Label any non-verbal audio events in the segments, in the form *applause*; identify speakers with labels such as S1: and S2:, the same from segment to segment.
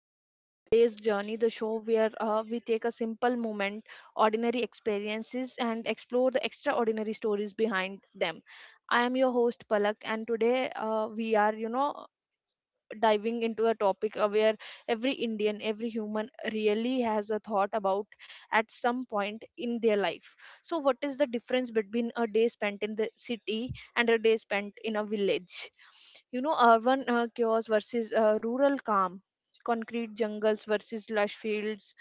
S1: to Everyday's Journey, the show where we take a simple moment, ordinary experiences, and explore the extraordinary stories behind them. I am your host, Palak, and today we are, you know, diving into a topic where every Indian, every human really has a thought about at some point in their life. So, what is the difference between a day spent in the city and a day spent in a village? You know, urban chaos versus rural calm, concrete jungles versus lush fields,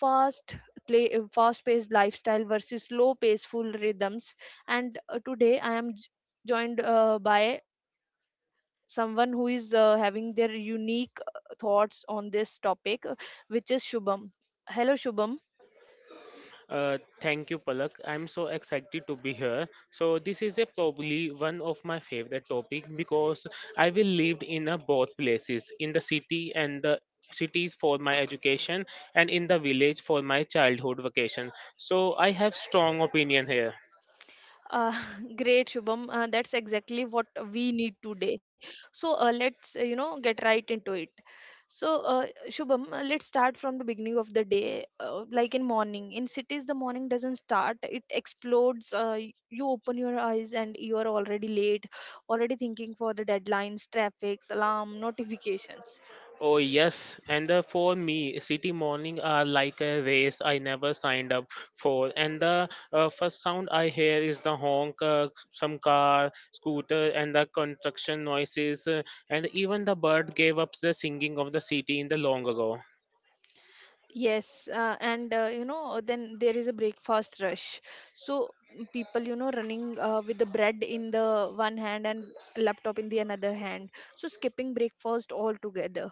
S1: fast fast-paced lifestyle versus slow, paceful rhythms, and today I am joined by someone who is having their unique thoughts on this topic, which is Shubham. Hello, Shubham.
S2: Thank you, Palak. I'm so excited to be here. So this is a probably one of my favorite topic because I will lived in a both places, in the city and the cities for my education and in the village for my childhood vacation. So I have strong opinion here.
S1: Uh, *laughs* Great, Shubham. That's exactly what we need today. So let's get right into it. So, Shubham, let's start from the beginning of the day. Like in morning, in cities, the morning doesn't start; it explodes. You open your eyes and you are already late, already thinking for the deadlines, traffics, alarm, notifications.
S2: Oh yes, and the, for me, city morning are like a race I never signed up for. And the first sound I hear is the honk, some car, scooter, and the construction noises. And even the bird gave up the singing of the city in the long ago.
S1: Yes, and then there is a breakfast rush. So people, running with the bread in the one hand and laptop in the another hand. So skipping breakfast altogether.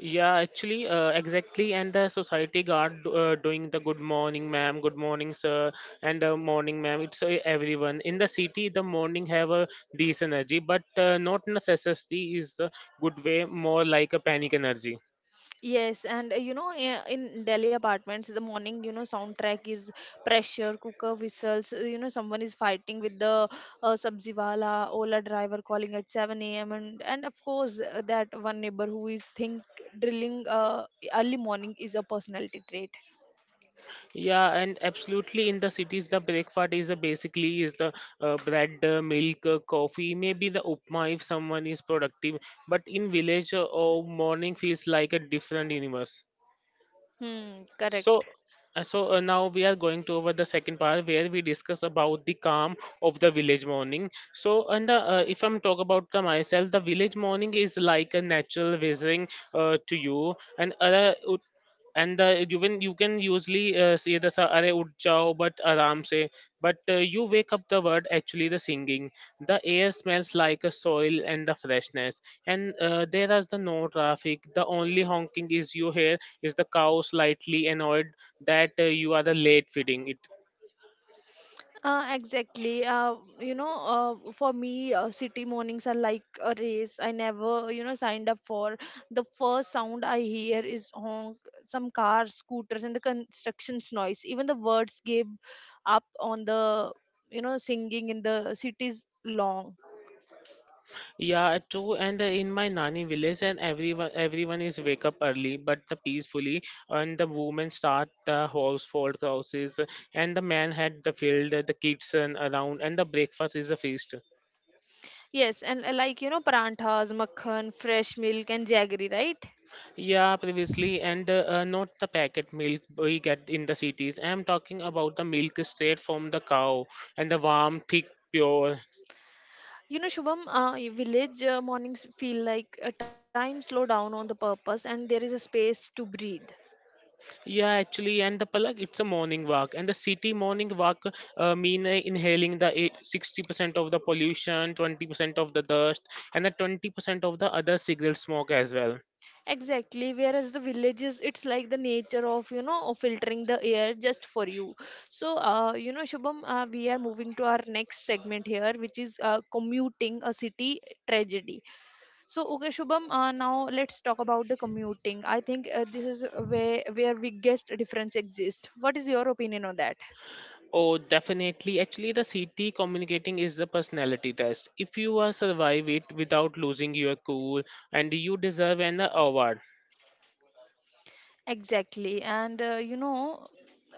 S2: Yeah, actually, exactly. And the society guard doing the good morning, ma'am, good morning, sir, and morning, ma'am. It's everyone in the city. The morning have a this energy, but not necessity is the good way. More like a panic energy.
S1: Yes, and in Delhi apartments, the morning, you know, soundtrack is pressure, cooker whistles. Someone is fighting with the sabzi wala, Ola driver calling at 7 a.m. and of course that one neighbor who is think drilling early morning is a personality trait.
S2: Yeah, and absolutely in the cities, the breakfast is basically is the bread, milk, coffee, maybe the upma if someone is productive. But in village, oh, morning feels like a different universe.
S1: Hmm,
S2: So,
S1: correct.
S2: so, now we are going to over the second part where we discuss about the calm of the village morning. So, and the, if I'm talk about the myself, the village morning is like a natural visiting to you, and other and the even you can usually say the sa- "Arey ut jao," but aram se. But you wake up the word actually the singing. The air smells like a soil and the freshness, and there is the no traffic. The only honking is you hear is the cow slightly annoyed that you are the late feeding it?
S1: Exactly. For me, city mornings are like a race. I never, you know, signed up for. The first sound I hear is honk, some cars, scooters, and the constructions noise. Even the words gave up on the, you know, singing in the city's long.
S2: Yeah, true. And in my Nani village, and everyone is wake up early, but the peacefully, and the women start the household crosses, and the man had the field, the kids and around, and the breakfast is a feast.
S1: Yes, and like, you know, paranthas, makhan, fresh milk, and jaggery, right?
S2: Yeah, previously, and not the packet milk we get in the cities. I'm talking about the milk straight from the cow, and the warm, thick, pure.
S1: You know, Shubham, village mornings feel like a time slow down on the purpose, and there is a space to breathe.
S2: Yeah, actually, and the Palak, it's a morning walk, and the city morning walk mean inhaling the 60% of the pollution, 20% of the dust, and the 20% of the other cigarette smoke as well.
S1: Exactly, whereas the villages, it's like the nature of, you know, of filtering the air just for you. So, Shubham, we are moving to our next segment here, which is commuting a city tragedy. So, okay, Shubham, now let's talk about the commuting. I think this is where biggest difference exists. What is your opinion on that?
S2: Oh, definitely. Actually, the city communicating is the personality test. If you survive it without losing your cool, and you deserve an award.
S1: Exactly. And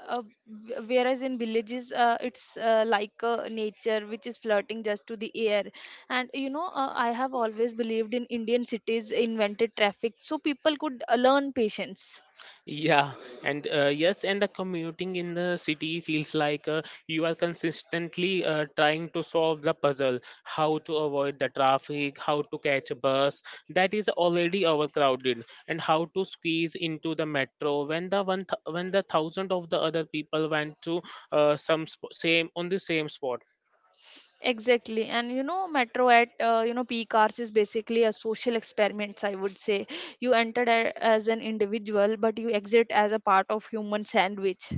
S1: uh, whereas in villages, it's like nature which is flirting just to the air. And I have always believed in Indian cities invented traffic so people could learn patience.
S2: Yeah, and yes, and the commuting in the city feels like you are consistently trying to solve the puzzle how to avoid the traffic, how to catch a bus that is already overcrowded, and how to squeeze into the metro when the thousand of the other people went to same on the same spot.
S1: Exactly. And metro at peak hours is basically a social experiment, I would say. You entered as an individual, but you exit as a part of human sandwich.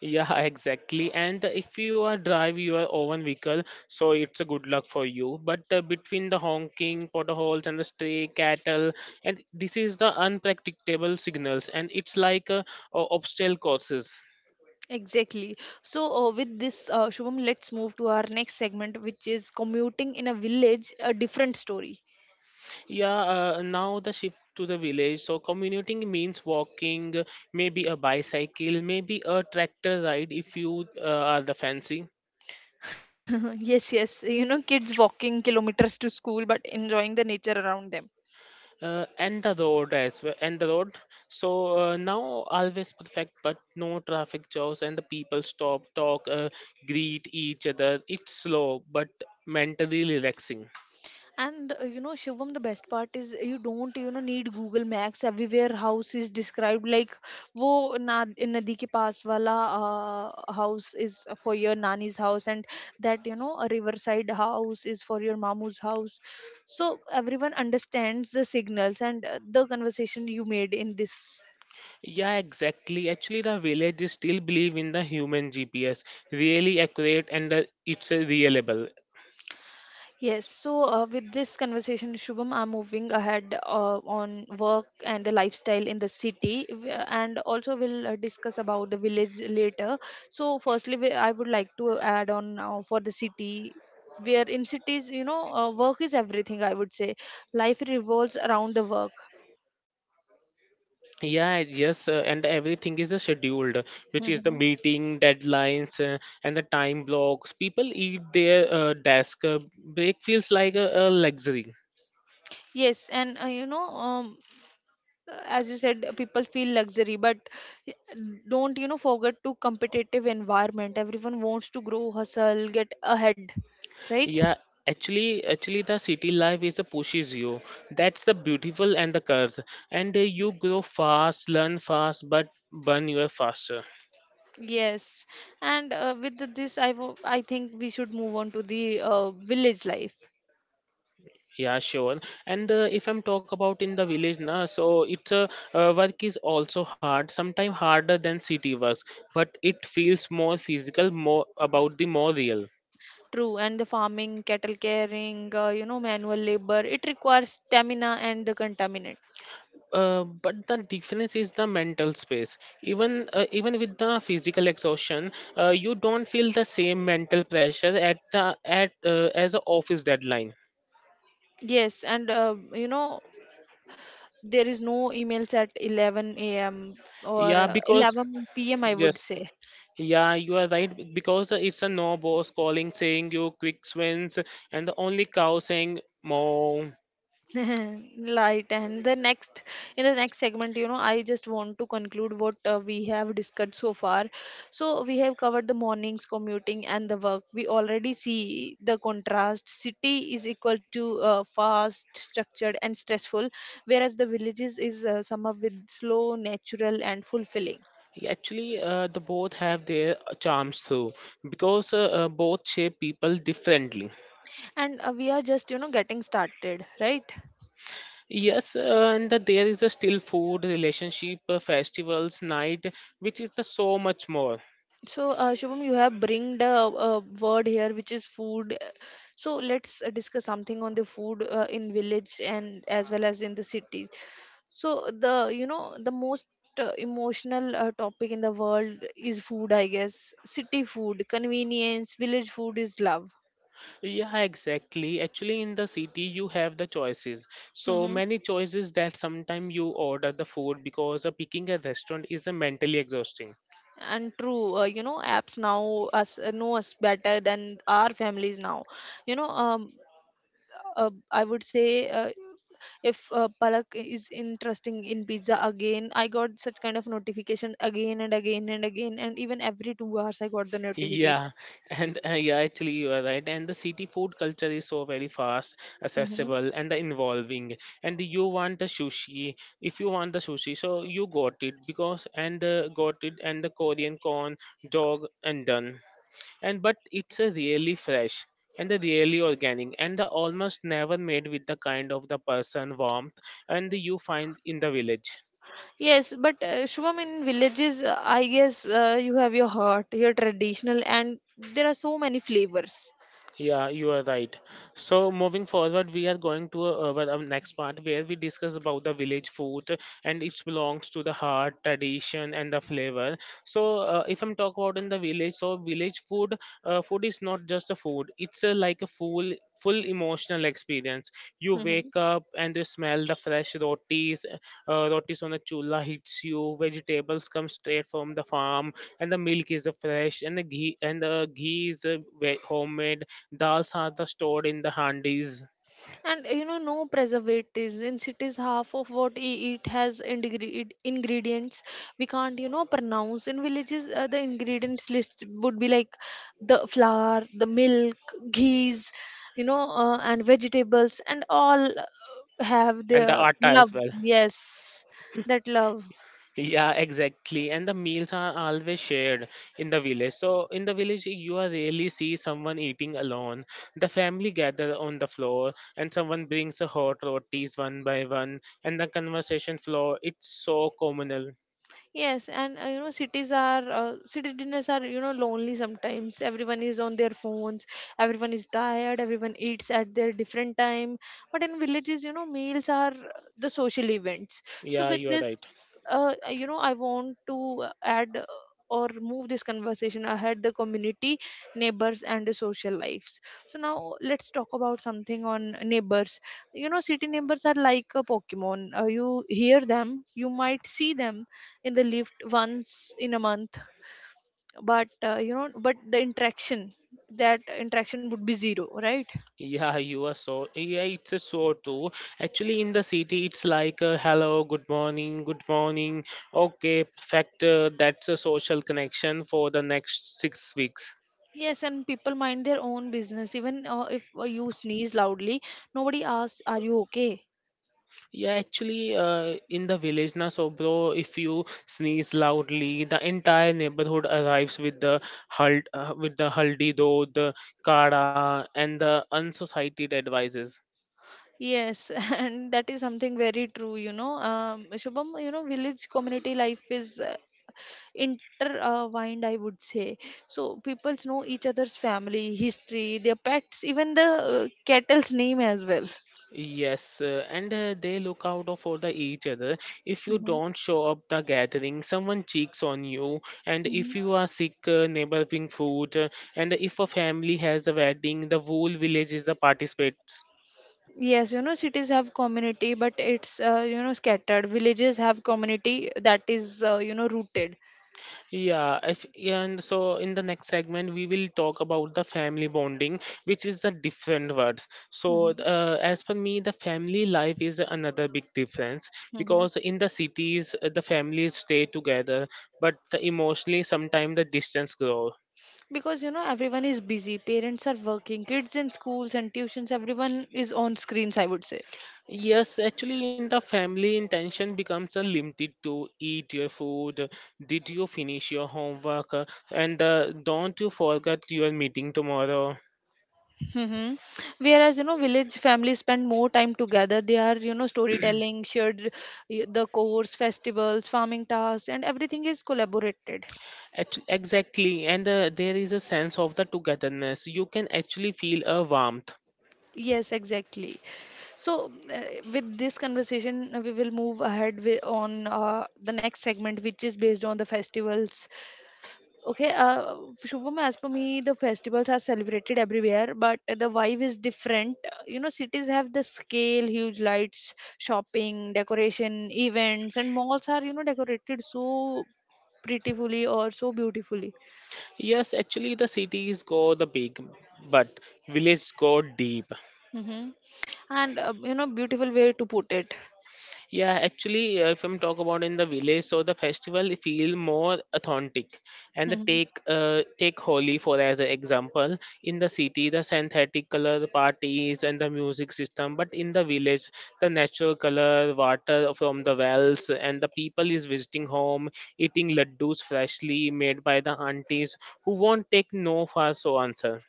S2: Yeah, *laughs* exactly. And if you are drive your own vehicle, so it's a good luck for you. But between the honking, potholes, and the stray cattle, and this is the unpredictable signals, and it's like obstacle courses.
S1: Exactly. So, with this, Shubham, let's move to our next segment, which is commuting in a village, a different story.
S2: Yeah, now the shift to the village. So commuting means walking, maybe a bicycle, maybe a tractor ride if you are the fancy.
S1: *laughs* Yes, yes. You know, kids walking kilometers to school but enjoying the nature around them.
S2: And the road as well and the road so now always perfect but no traffic jams and the people stop talk greet each other. It's slow but mentally relaxing.
S1: And Shivam, the best part is you don't need Google Maps. Everywhere house is described like wo na nadi ke paas wala house is for your nani's house, and that a riverside house is for your mamu's house. So everyone understands the signals and the conversation you made in this.
S2: Yeah, exactly, actually the villages still believe in the human gps really accurate and it's reliable.
S1: Yes, so with this conversation, Shubham, I'm moving ahead on work and the lifestyle in the city, and also we'll discuss about the village later. So, firstly, I would like to add on now for the city, where in cities, work is everything, I would say. Life revolves around the work.
S2: Yeah, yes, and everything is scheduled, which is the
S1: Hmm.
S2: meeting, deadlines, and the time blocks. People eat their desk. Break feels like a luxury.
S1: Yes, and as you said, people feel luxury but don't forget to competitive environment, everyone wants to grow hustle get ahead, right?
S2: Yeah, actually, the city life is a pushes you. That's the beautiful and the curse. And you grow fast, learn fast, but burn you faster.
S1: Yes, and with this I think we should move on to the village life.
S2: Yeah, sure. And if I'm talk about in the village na, so it's a work is also hard, sometimes harder than city works, but it feels more physical, more about the more real.
S1: True, and the farming cattle caring manual labor, it requires stamina and the contaminant.
S2: But the difference is the mental space. Even with the physical exhaustion, you don't feel the same mental pressure at as a office deadline.
S1: Yes, and there is no emails at 11 a.m or
S2: Yeah, because
S1: 11 p.m, I would
S2: yes,
S1: say.
S2: Yeah, you are right because it's a no boss calling saying you quick swings and the only cow saying moo.
S1: *laughs* Right, and the next in the next segment, I just want to conclude what we have discussed so far. So we have covered the mornings, commuting, and the work. We already see the contrast. City is equal to fast, structured, and stressful, whereas the villages is sum up with slow, natural, and fulfilling.
S2: Yeah, actually, the both have their charms too because both shape people differently.
S1: And we are just getting started, right?
S2: Yes, and that there is a still food, relationship, festivals, night, which is the so much more.
S1: So Shubham, you have bring the word here, which is food. So let's discuss something on the food in village and as well as in the cities. So the you know the most emotional topic in the world is food, I guess. City food, convenience, village food is love.
S2: Yeah, exactly. Actually, in the city, you have the choices. So
S1: Mm-hmm.
S2: many choices that sometimes you order the food because picking a restaurant is mentally exhausting.
S1: And true, apps now us know us better than our families now. You know, I would say if Palak is interesting in pizza again, I got such kind of notification again and again and again, and even every 2 hours I got the notification.
S2: Yeah, yeah, actually, you are right. And the city food culture is so very fast,
S1: Hmm.
S2: accessible, and the involving. And you want the sushi, if you want the sushi, so you got it because and got it and the Korean corn dog and done. And but it's a really fresh and the really organic and the almost never made with the kind of the person warmth and you find in the village.
S1: Yes, but Shubham, in villages, I guess you have your heart, your traditional, and there are so many flavors.
S2: Yeah, you are right. So moving forward, we are going to our next part where we discuss about the village food and it belongs to the heart, tradition, and the flavor. So if I'm talk about in the village, so village food food is not just a food. It's a, like a full emotional experience. You wake up and you smell the fresh rotis on the chula hits you. Vegetables come straight from the farm, and the milk is fresh, and the ghee is homemade. Dals are the stored in the handis
S1: And no preservatives in cities. Half of what we eat has ingredients we can't, you know, pronounce. In villages, the ingredients list would be like the flour, the milk, ghees, and vegetables, and all have
S2: and the
S1: their
S2: atta
S1: love.
S2: as well.
S1: Yes, that love.
S2: Yeah, exactly. And the meals are always shared in the village. So in the village, you are rarely see someone eating alone. The family gather on the floor, and someone brings a hot rotis one by one, and the conversation flow. It's so communal.
S1: Yes, and you know, cities are city dinners are lonely sometimes. Everyone is on their phones, everyone is tired, everyone eats at their different time. But in villages, meals are the social events. So
S2: Yeah,
S1: with
S2: you are
S1: this,
S2: right.
S1: I want to add or move this conversation ahead the community, neighbors, and the social lives. So now let's talk about something on neighbors. You know, city neighbors are like a Pokemon. You hear them, you might see them in the lift once in a month, but but the interaction that interaction would be zero, right?
S2: Yeah, you are so. Yeah, it's a so too. Actually, in the city, it's like a hello, good morning, good morning. Okay, factor. That's a social connection for the next 6 weeks.
S1: Yes, and people mind their own business, even if you sneeze loudly, nobody asks are you okay?
S2: Yeah, actually, in the village na, so bro, if you sneeze loudly, the entire neighborhood arrives with the haldi do, the kara, and the unsociety advices.
S1: Yes. *laughs* And that is something very true. Shubham, village community life is intertwined, I would say. So people know each other's family history, their pets, even the cattle's name as well.
S2: Yes, and they look out of for the each other. If you don't show up the gathering, someone cheeks on you. And if
S1: Hmm.
S2: you are sick, neighbor bring food. And if a family has a wedding, the whole village is the participates.
S1: Yes, cities have community, but it's, scattered. Villages have community that is, rooted.
S2: Yeah, if, and so in the next segment we will talk about the family bonding, which is the different words. So
S1: Hmm.
S2: as per me, the family life is another big difference
S1: Hmm.
S2: because in the cities the families stay together, but the emotionally sometimes the distance grow.
S1: Because, everyone is busy. Parents are working, kids in schools and tuitions, everyone is on screens, I would say.
S2: Yes, actually, in the family, intention becomes a limited to eat your food, did you finish your homework, and don't you forget your meeting tomorrow.
S1: Mm-hmm. Whereas, village families spend more time together. They are, storytelling, shared the course, festivals, farming tasks, and everything is collaborated.
S2: Exactly, and there is a sense of the togetherness. You can actually feel a warmth.
S1: Yes, exactly. So, with this conversation, we will move ahead on the next segment, which is based on the festivals. Okay, Shubham, as per me, the festivals are celebrated everywhere, but the vibe is different. Cities have the scale, huge lights, shopping, decoration, events, and malls are, decorated so prettifully or so beautifully.
S2: Yes, actually, the cities go the big, but village go deep.
S1: Hmm. And, beautiful way to put it.
S2: Yeah, actually, if I'm talk about in the village, so the festival feel more authentic, and the
S1: Mm-hmm.
S2: take Holi for as an example. In the city, the synthetic color parties and the music system, but in the village, the natural color, water from the wells, and the people is visiting home, eating laddus freshly made by the aunties who won't take no for so answer.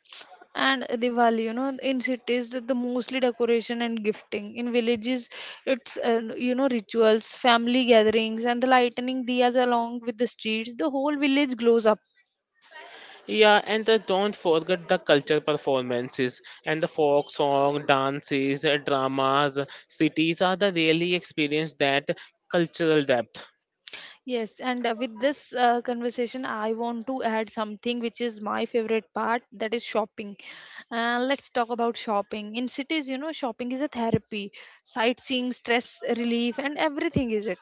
S1: And Diwali. You know, in cities, the mostly decoration and gifting. In villages, it's rituals, family gatherings, and the lightning diyas along with the streets. The whole village glows up.
S2: Yeah, and the, don't forget the culture performances and the folk song, dances, dramas. Cities are the really experience that cultural depth.
S1: Yes, and with this conversation, I want to add something which is my favorite part. That is shopping. Let's talk about shopping. In cities, shopping is a therapy, sightseeing, stress relief, and everything is it.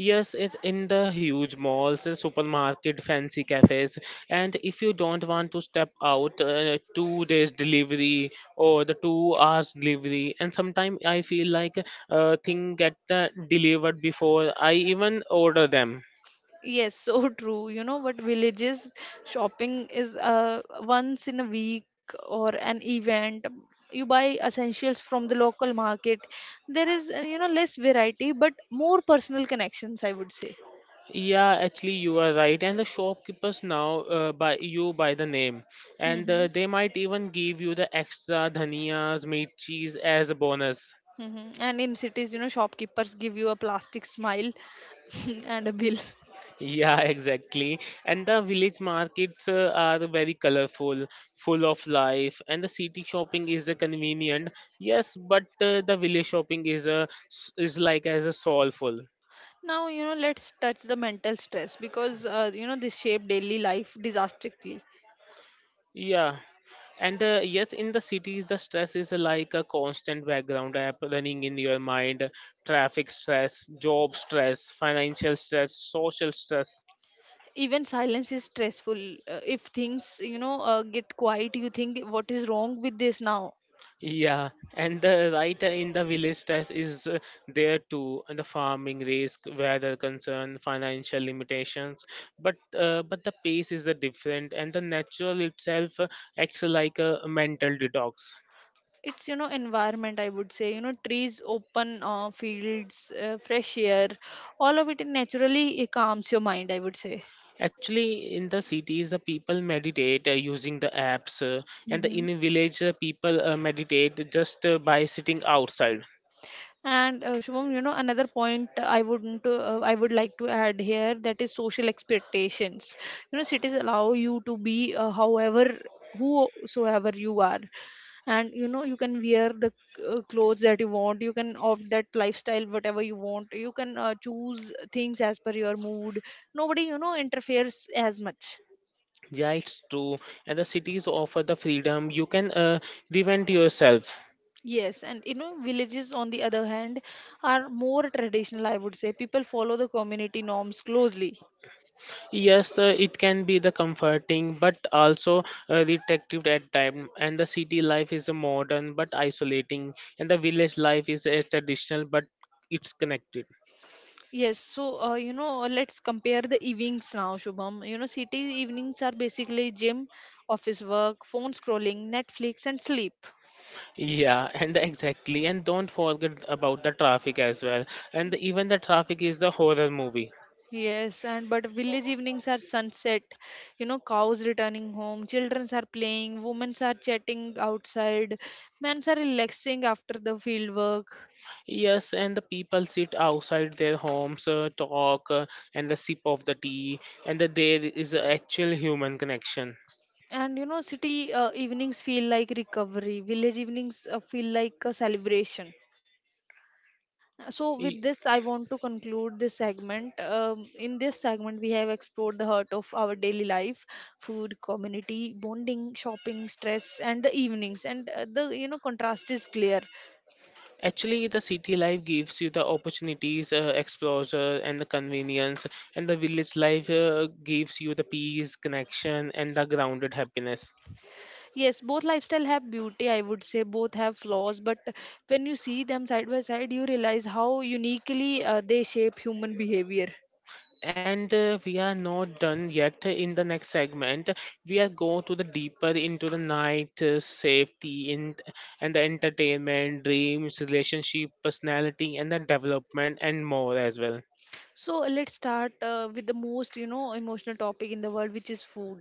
S2: Yes, it's in the huge malls, and supermarket, fancy cafes, and if you don't want to step out, 2 days delivery or the 2 hours delivery, and sometimes I feel like thing get delivered before I even order them.
S1: Yes, *laughs* so true. You know, but villages shopping is once in a week or an event. You buy essentials from the local market. There is, less variety, but more personal connections, I would say.
S2: Yeah, actually, you are right. And the shopkeepers now by you by the name, and
S1: Mm-hmm.
S2: they might even give you the extra dhaniyas, mirchis as a bonus. *laughs*
S1: Mm-hmm. And in cities, shopkeepers give you a plastic smile *laughs* and a bill.
S2: Yeah, exactly. And the village markets are very colorful, full of life, and the city shopping is convenient. Yes, but the village shopping is is like as a soulful.
S1: Now, let's touch the mental stress because, this shape daily life disastrously.
S2: Yeah. And yes, in the cities, the stress is like a constant background app running in your mind. Traffic stress, job stress, financial stress, social stress.
S1: Even silence is stressful. If things get quiet, you think what is wrong with this now.
S2: Yeah, and the writer in the village stress is there too, and the farming risk, weather concern, financial limitations. But the pace is different, and the natural itself acts like a mental detox.
S1: It's, you know, environment, I would say. You know, trees, open fields, fresh air, all of it naturally it calms your mind, I would say.
S2: Actually, in the cities, the people meditate using the apps, and the,
S1: Hmm.
S2: in a village, people meditate just by sitting outside.
S1: And Shubham, you know, another point I wouldn't I would like to add here, that is social expectations. You know, cities allow you to be however, whosoever you are, and you know you can wear the clothes that you want, you can opt that lifestyle whatever you want, you can choose things as per your mood. Nobody, you know, interferes as much.
S2: Yeah, it's true. And the cities offer the freedom. You can reinvent yourself.
S1: Yes, and you know, villages on the other hand are more traditional, I would say. People follow the community norms closely.
S2: Yes, it can be the comforting, but also restrictive at time. And the city life is modern but isolating, and the village life is traditional but it's connected.
S1: Yes, so you know, let's compare the evenings now, Shubham. You know, city evenings are basically gym, office work, phone scrolling, Netflix, and sleep.
S2: Yeah, and exactly, and don't forget about the traffic as well. And even the traffic is a horror movie.
S1: Yes, and but village evenings are sunset, you know, cows returning home, childrens are playing, women are chatting outside, men are relaxing after the field work.
S2: Yes, and the people sit outside their homes, talk, and the sip of the tea, and that there is a actual human connection.
S1: And you know, city evenings feel like recovery, village evenings feel like a celebration. So, with
S2: Y-
S1: this, I want to conclude this segment. In this segment, we have explored the heart of our daily life, food, community, bonding, shopping, stress, and the evenings. And the, you know, contrast is clear.
S2: Actually, the city life gives you the opportunities, exposure, and the convenience, and the village life gives you the peace, connection, and the grounded happiness.
S1: Yes, both lifestyle have beauty, I would say. Both have flaws, but when you see them side by side, you realize how uniquely they shape human behavior.
S2: And we are not done yet. In the next segment, we are go to the deeper into the night safety in and the entertainment, dreams, relationship, personality, and the development and more as well.
S1: So let's start with the most, you know, emotional topic in the world, which is food.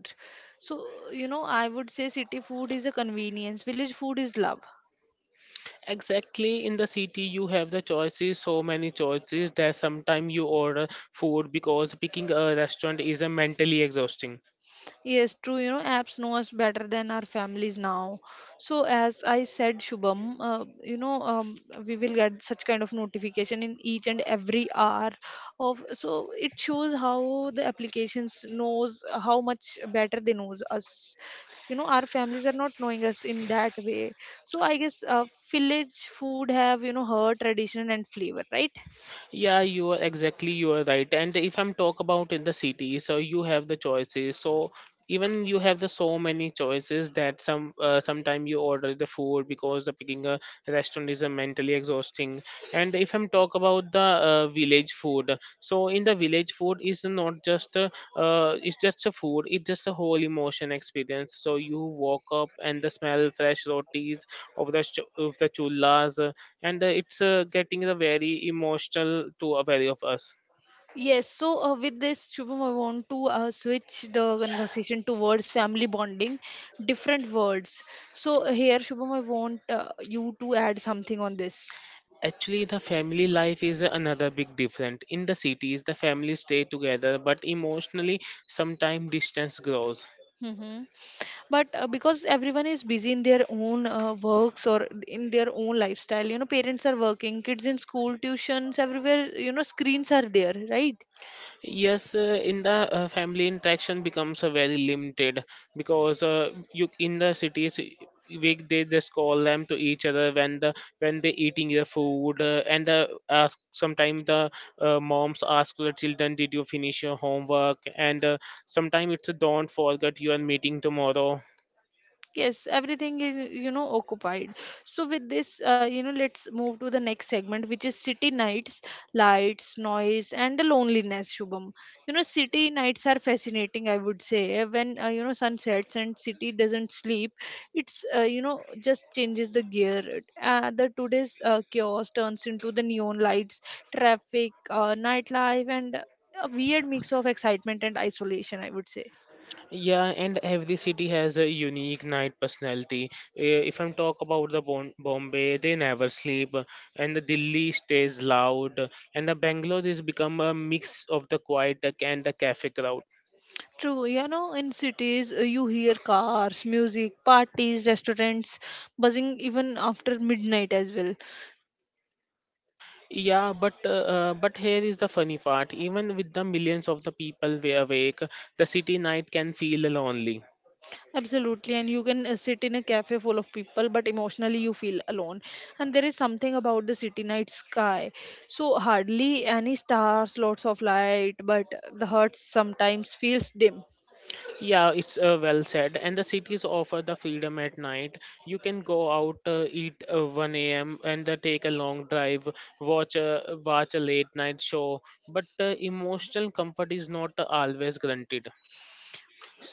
S1: So, you know, I would say city food is a convenience, village food is love.
S2: Exactly in the city, you have the choices, so many choices that sometimes you order food because picking a restaurant is a mentally exhausting.
S1: Yes, true. You know, apps know us better than our families now. So, as I said, Shubham, you know, we will get such kind of notification in each and every hour of. So it shows how the applications knows how much better they knows us. You know, our families are not knowing us in that way. So I guess village food have, you know, her tradition and flavor, right?
S2: Yeah, you are exactly, you are right. And if I'm talk about in the city, so you have the choices. So even you have the so many choices that sometime you order the food because the picking a restaurant is a mentally exhausting. And if I'm talk about the village food, so in the village food is not just a, it's just a food. It's just a whole emotion experience. So you walk up and the smell fresh rotis of the chullas and it's getting the very emotional to a very of us.
S1: Yes, so with this, Shubham, I want to switch the conversation towards family bonding, different words. So here, Shubham, I want you to add something on this.
S2: Actually, the family life is another big difference. In the cities, the families stay together, but emotionally sometimes distance grows.
S1: Hmm. But because everyone is busy in their own works or in their own lifestyle, you know, parents are working, kids in school, tuitions, everywhere, you know, screens are there, right?
S2: Yes, in the family interaction becomes very limited because you in the cities we, they just call them to each other when the when they eating their food, and the ask sometimes the moms ask the children, did you finish your homework, and sometimes it's a, don't forget you are meeting tomorrow.
S1: Yes, everything is, you know, occupied. So with this, you know, let's move to the next segment, which is city nights, lights, noise, and the loneliness, Shubham. You know, city nights are fascinating, I would say. When you know, sun sets and city doesn't sleep, it's, you know, just changes the gear. The today's chaos turns into the neon lights, traffic, nightlife, and a weird mix of excitement and isolation, I would say.
S2: Yeah, and every city has a unique night personality. If I'm talk about the Bombay, they never sleep, and the Delhi stays loud, and the Bangalore is become a mix of the quiet and the cafe crowd.
S1: True, you know, in cities you hear cars, music, parties, restaurants buzzing even after midnight as well.
S2: Yeah, but here is the funny part. Even with the millions of the people we awake, the city night can feel lonely.
S1: Absolutely, and you can sit in a cafe full of people, but emotionally you feel alone. And there is something about the city night sky. So hardly any stars, lots of light, but the heart sometimes feels dim.
S2: Yeah, it's well said. And the cities offer the freedom at night. You can go out, eat 1 a.m. and take a long drive, watch a late night show. But emotional comfort is not always granted.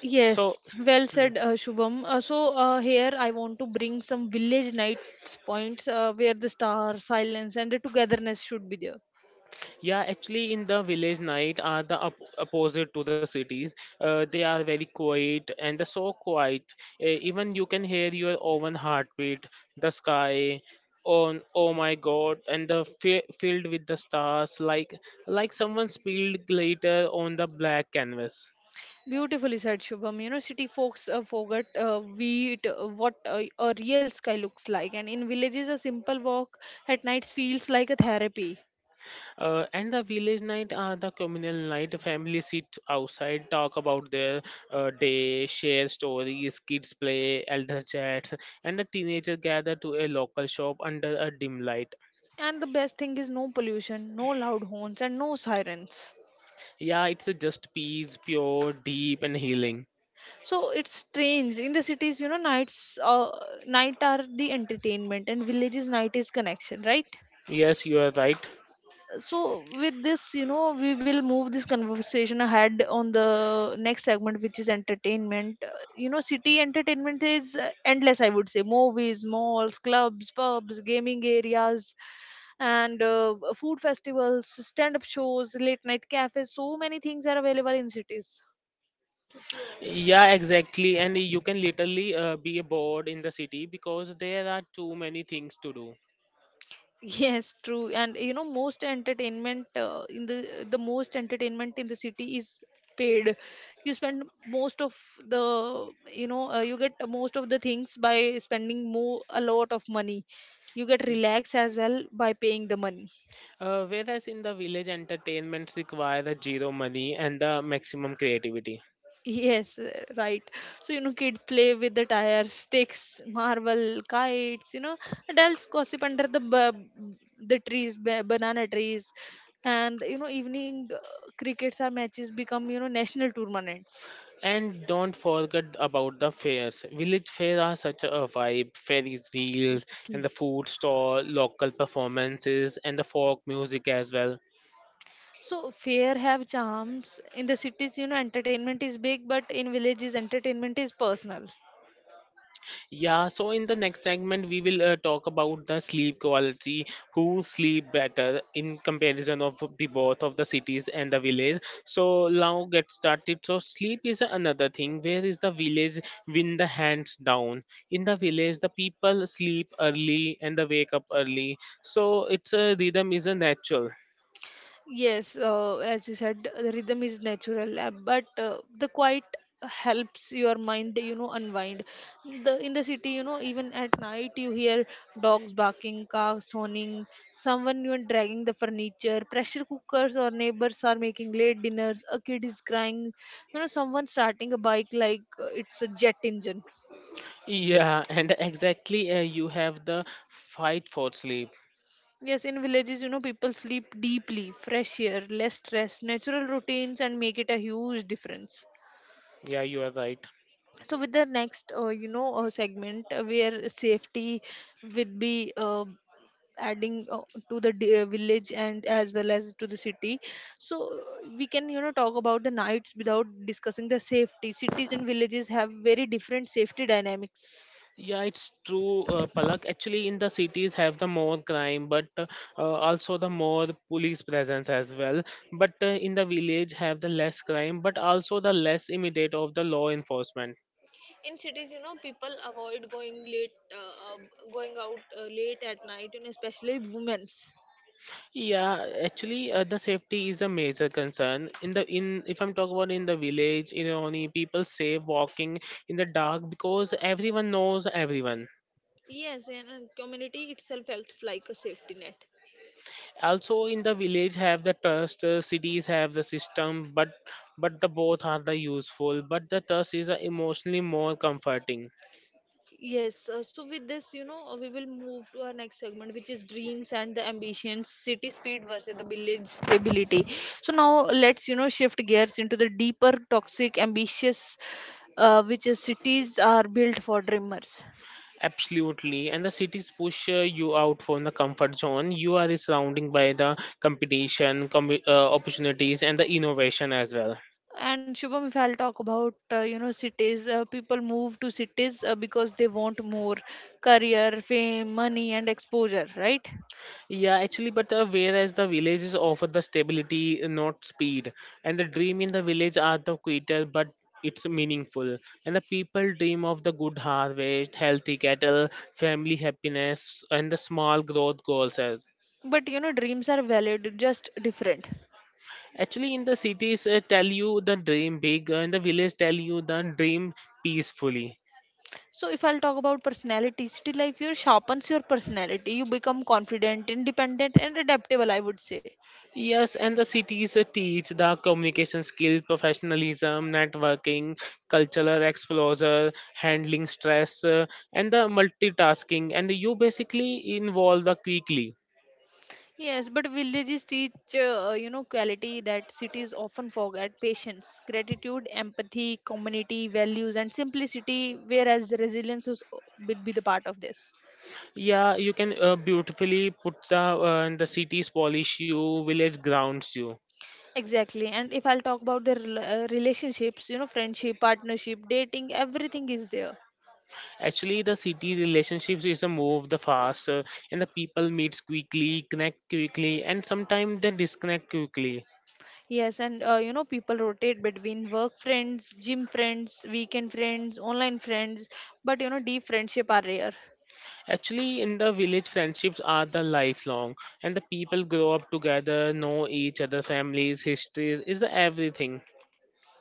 S1: Yes,
S2: So.
S1: well said, Shubham. So here I want to bring some village nights points where the star, silence, and the togetherness should be there.
S2: Yeah, actually, in the village night are the opposite to the cities. They are very quiet and they're so quiet. Even you can hear your own heartbeat, the sky. On, oh my God! And the filled with the stars, like someone spilled glitter on the black canvas.
S1: Beautifully said, Shubham. You know, city folks forget wheat, what a real sky looks like, and in villages, a simple walk at nights feels like a therapy.
S2: And the village night are the communal night. Families sit outside, talk about their day, share stories, kids play, elder chats, and the teenagers gather to a local shop under a dim light.
S1: And the best thing is no pollution, no loud horns, and no sirens.
S2: Yeah, it's a just peace, pure, deep, and healing.
S1: So it's strange. In the cities, you know, nights, night are the entertainment, and villages, night is connection, right?
S2: Yes, you are right.
S1: So with this, you know, we will move this conversation ahead on the next segment, which is entertainment. You know, city entertainment is endless, I would say. Movies, malls, clubs, pubs, gaming areas, and food festivals, stand up shows, late night cafes, so many things are available in cities.
S2: Yeah, exactly. And you can literally be bored in the city because there are too many things to do.
S1: Yes, true. And you know, most entertainment in the most entertainment in the city is paid. You spend most of the, you know, you get most of the things by spending more a lot of money. You get
S2: Y-
S1: relaxed as well by paying the money. *laughs*
S2: Whereas in the village, entertainments require the zero money and the maximum creativity.
S1: Yes, right. So you know, kids play with the tires, sticks, marble, kites. You know, adults gossip under the the trees, banana trees, and you know evening crickets are matches become, you know, national tournaments.
S2: And don't forget about the fairs. Village fairs are such a vibe. Fairies wheels and
S1: Exactly.
S2: the food stall, local performances and the folk music as well.
S1: So fair have charms in the cities. You know, entertainment is big, but in villages entertainment is personal.
S2: Yeah, so in the next segment, we will talk about the sleep quality, who sleep better in comparison of the both of the cities and the village. So now get started. So sleep is another thing. Where is the village win the hands down? In the village, the people sleep early and the wake up early. So it's a rhythm is a natural.
S1: Yes, as you said, the rhythm is natural, but the quiet helps your mind, you know, unwind. The in the city, you know, even at night, you hear dogs barking, cars honing, someone, you know, dragging the furniture, pressure cookers or neighbors are making late dinners, a kid is crying, you know, someone starting a bike like it's a jet engine.
S2: Yeah, and exactly you have the fight for sleep.
S1: Yes, in villages, you know, people sleep deeply, fresh air, less stress, natural routines, and make it a huge difference.
S2: Yeah, you are right.
S1: So with the next, you know, segment where safety would be adding to the village and as well as to the city. So we can, you know, talk about the nights without discussing the safety. Cities and villages have very different safety dynamics.
S2: Yeah, it's true, Palak. Actually, in the cities have the more crime, but also the more police presence as well. But in the village have the less crime, but also the less immediate of the law enforcement.
S1: In cities, you know, people avoid going late going out late at night. And especially women's.
S2: Yeah, actually, the safety is a major concern. In if I'm talking about in the village, in Oni, people say walking in the dark because everyone knows everyone.
S1: Yes, and community itself acts like a safety net.
S2: Also in the village have the trust, cities have the system, but the both are the useful, but the trust is emotionally more comforting.
S1: Yes, so with this, you know, we will move to our next segment, which is dreams and the ambitions, city speed versus the village stability. So now let's, you know, shift gears into the deeper, toxic, ambitious, which is cities are built for dreamers.
S2: Absolutely, and the cities push you out from the comfort zone. You are surrounding by the competition, opportunities, and the innovation as well.
S1: And Shubham, if I'll talk about, you know, cities, people move to cities because they want more career, fame, money, and exposure, right?
S2: Yeah, actually, but whereas the villages offer the stability, not speed, and the dream in the village are the quieter, but it's meaningful. And the people dream of the good harvest, healthy cattle, family happiness, and the small growth goals. As.
S1: But, you know, dreams are valid, just different.
S2: Actually, in the cities, tell you the dream big, and the village tell you the dream peacefully.
S1: So if I'll talk about personality, city life here sharpens your personality. You become confident, independent, and adaptable, I would say.
S2: Yes, and the cities teach the communication skill, professionalism, networking, cultural exposure, handling stress, and the multitasking. And you basically involve the quickly.
S1: Yes, but villages teach you know quality that cities often forget: patience, gratitude, empathy, community values, and simplicity. Whereas resilience is, will be the part of this.
S2: Yeah, you can beautifully put the and the cities polish you, village grounds you.
S1: Exactly. And if I'll talk about the relationships, you know, friendship, partnership, dating, everything is there.
S2: Actually, the city relationships is a move the fast, and the people meets quickly, connect quickly, and sometimes they disconnect quickly.
S1: Yes, and you know, people rotate between work friends, gym friends, weekend friends, online friends, but you know, deep friendship are rare.
S2: Actually, in the village, friendships are the lifelong, and the people grow up together, know each other, families, histories, is the everything.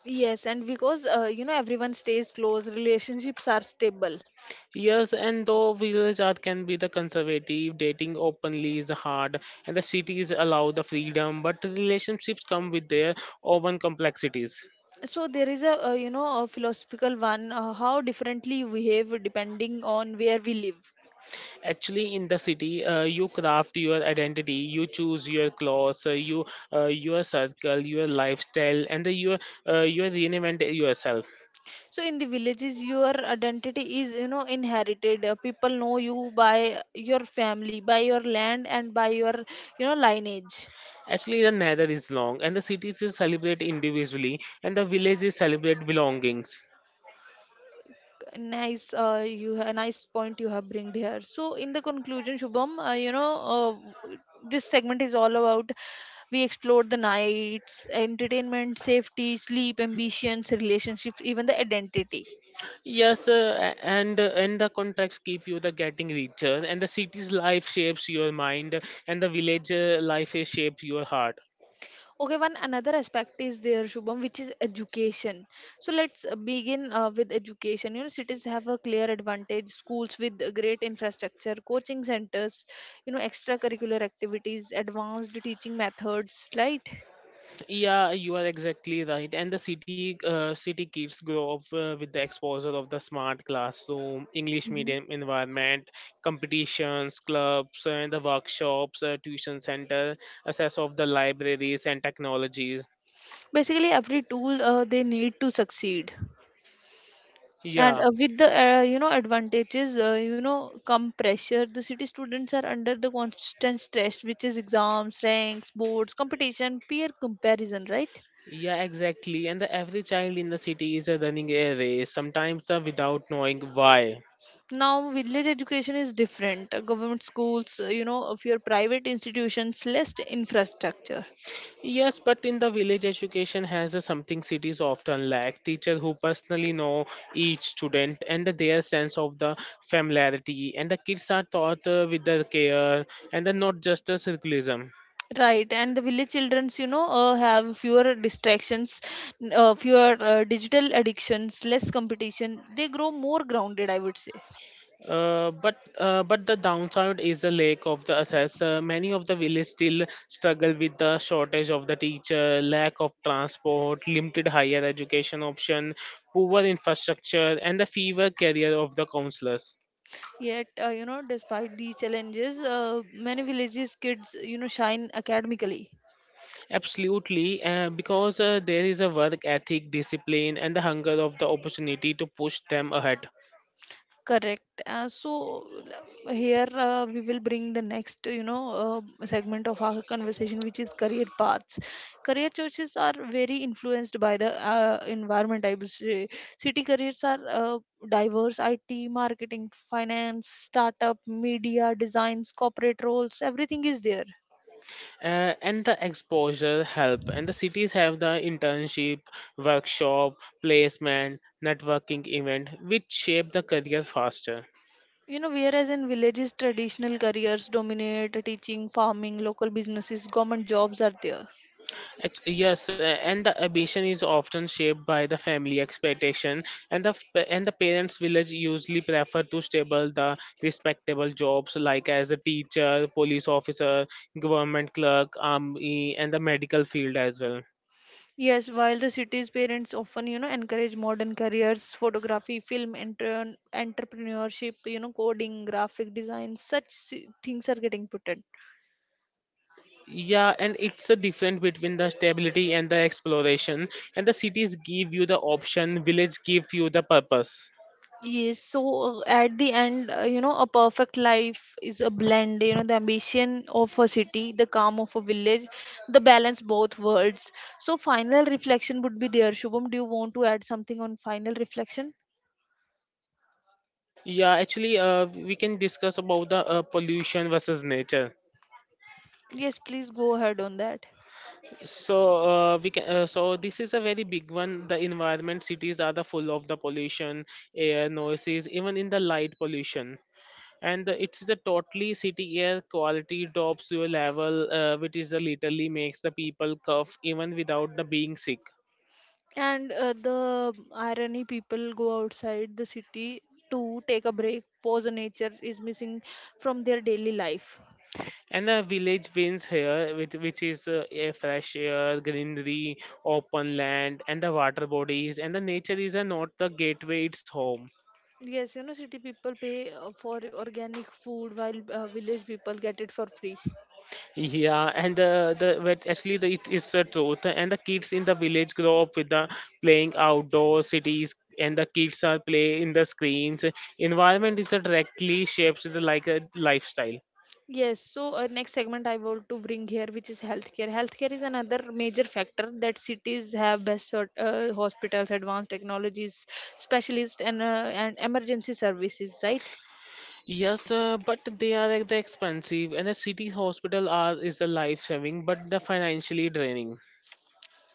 S1: Yes, and because you know everyone stays close, relationships are stable.
S2: Yes, and though village art can be the conservative, dating openly is hard, and the cities allow the freedom, but relationships come with their own complexities.
S1: So there is a, you know, a philosophical one, how differently you behave depending on where we live.
S2: Actually, in the city, you craft your identity, you choose your clothes, you your circle, your lifestyle, and the, your you reinvent yourself.
S1: So in the villages, your identity is, you know, inherited. People know you by your family, by your land, and by your, you know, lineage.
S2: Actually, the nether is long, and the cities is celebrate individually, and the villages celebrate belongings.
S1: Nice, you a nice point you have bringed here. So, in the conclusion, Shubham, you know, w- this segment is all about we explored the nights, entertainment, safety, sleep, ambitions, relationships, even the identity.
S2: Yes, and the contracts keep you the getting richer, and the city's life shapes your mind, and the village life is shapes your heart.
S1: Okay, one another aspect is there, Shubham, which is education. So, let's begin with education. You know, cities have a clear advantage, schools with a great infrastructure, coaching centers, you know, extracurricular activities, advanced teaching methods, right?
S2: Yeah, you are exactly right. And the city kids grow up with the exposure of the smart classroom, English medium environment, competitions, clubs, and the workshops, tuition center, access of the libraries and technologies.
S1: Basically every tool they need to succeed. And
S2: Yeah,
S1: with the you know advantages, you know, come pressure. The city students are under the constant stress, which is exams, ranks, boards, competition, peer comparison, right?
S2: yeah, exactly. And the every child in the city is running a race, sometimes without knowing why.
S1: Now village education is different. Government schools, you know, of your private institutions, less infrastructure.
S2: Yes, but in the village, education has something cities often lack: teacher who personally know each student and their sense of the familiarity. And the kids are taught with the care and the not just a circleism.
S1: Right, and the village childrens, you know, have fewer distractions, fewer digital addictions, less competition, they grow more grounded, I would say.
S2: But the downside is the lack of the access. Many of the villages still struggle with the shortage of the teacher, lack of transport, limited higher education option, poor infrastructure, and the fever career of the counselors.
S1: Yet, you know, despite these challenges, many villages kids, you know, shine academically.
S2: Absolutely, because there is a work ethic, discipline, and the hunger of the opportunity to push them ahead.
S1: Correct. So here we will bring the next, you know, segment of our conversation, which is career paths. Career choices are very influenced by the environment, I would say. City careers are diverse: IT, marketing, finance, startup, media, designs, corporate roles. Everything is there.
S2: And the exposure help, and the cities have the internship, workshop, placement, networking event which shape the career faster.
S1: You know, whereas in villages, traditional careers dominate, teaching, farming, local businesses, government jobs are there.
S2: Yes, and the ambition is often shaped by the family expectation and the parents village usually prefer to stable the respectable jobs like as a teacher, police officer, government clerk, army, and the medical field as well.
S1: Yes, while the city's parents often, you know, encourage modern careers, photography, film, enter entrepreneurship, you know, coding, graphic design, such things are getting put.
S2: Yeah, and it's a difference between the stability and the exploration. And the cities give you the option, village give you the purpose.
S1: Yes, so at the end, you know, a perfect life is a blend, you know, the ambition of a city, the calm of a village, the balance both worlds. So final reflection would be there. Shubham, do you want to add something on final reflection?
S2: Yeah, actually, we can discuss about the pollution versus nature.
S1: Yes, please go ahead on that.
S2: So we can. So this is a very big one. The environment cities are the full of the pollution, air noises, even in the light pollution. And the, it's the totally city air quality drops to a level which is the literally makes the people cough even without the being sick.
S1: And the irony, people go outside the city to take a break, pause a nature is missing from their daily life.
S2: And the village wins here, which is a fresh air, greenery, open land, and the water bodies. And the nature is not the gateway; it's home.
S1: Yes, you know, city people pay for organic food while village people get it for free.
S2: Yeah, and the but actually the, it is the truth. And the kids in the village grow up with the playing outdoor cities, and the kids are play in the screens. Environment is directly shapes the like a lifestyle.
S1: Yes, so next segment I want to bring here, which is healthcare. Healthcare is another major factor, that cities have best sort, hospitals, advanced technologies, specialists, and and emergency services, right?
S2: Yes, but they are like the expensive, and the city hospital are is the life saving, but the financially draining.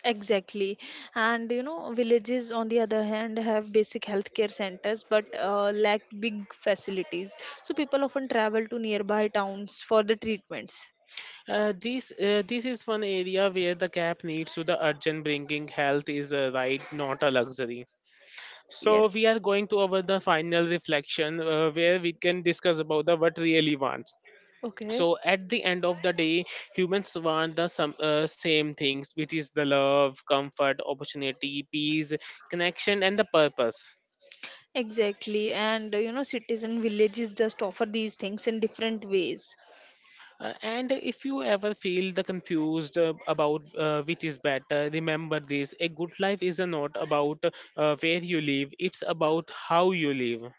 S1: Exactly. And you know, villages on the other hand have basic healthcare centers but lack big facilities. So people often travel to nearby towns for the treatments.
S2: This is one area where the gap needs to the urgent bringing health is a right, not a luxury. So
S1: Yes.
S2: we are going to our the final reflection where we can discuss about the what really wants.
S1: Okay.
S2: So at the end of the day, humans want the some same things, which is the love, comfort, opportunity, peace, connection, and the purpose.
S1: Exactly. And you know, cities and villages just offer these things in different ways.
S2: And if you ever feel the confused about which is better, remember this: a good life is not about where you live; it's about how you live.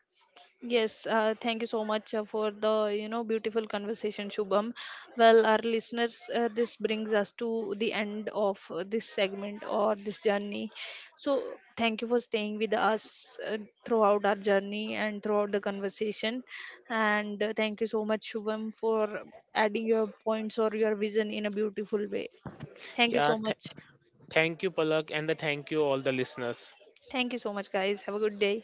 S1: Yes, thank you so much for the, you know, beautiful conversation, Shubham. Well, our listeners, this brings us to the end of this segment or this journey. So, thank you for staying with us throughout our journey and throughout the conversation. And thank you so much, Shubham, for adding your points or your vision in a beautiful way. Thank you
S2: Yeah,
S1: so much.
S2: thank you, Palak, and the thank you all the listeners.
S1: Thank you so much, guys. Have a good day.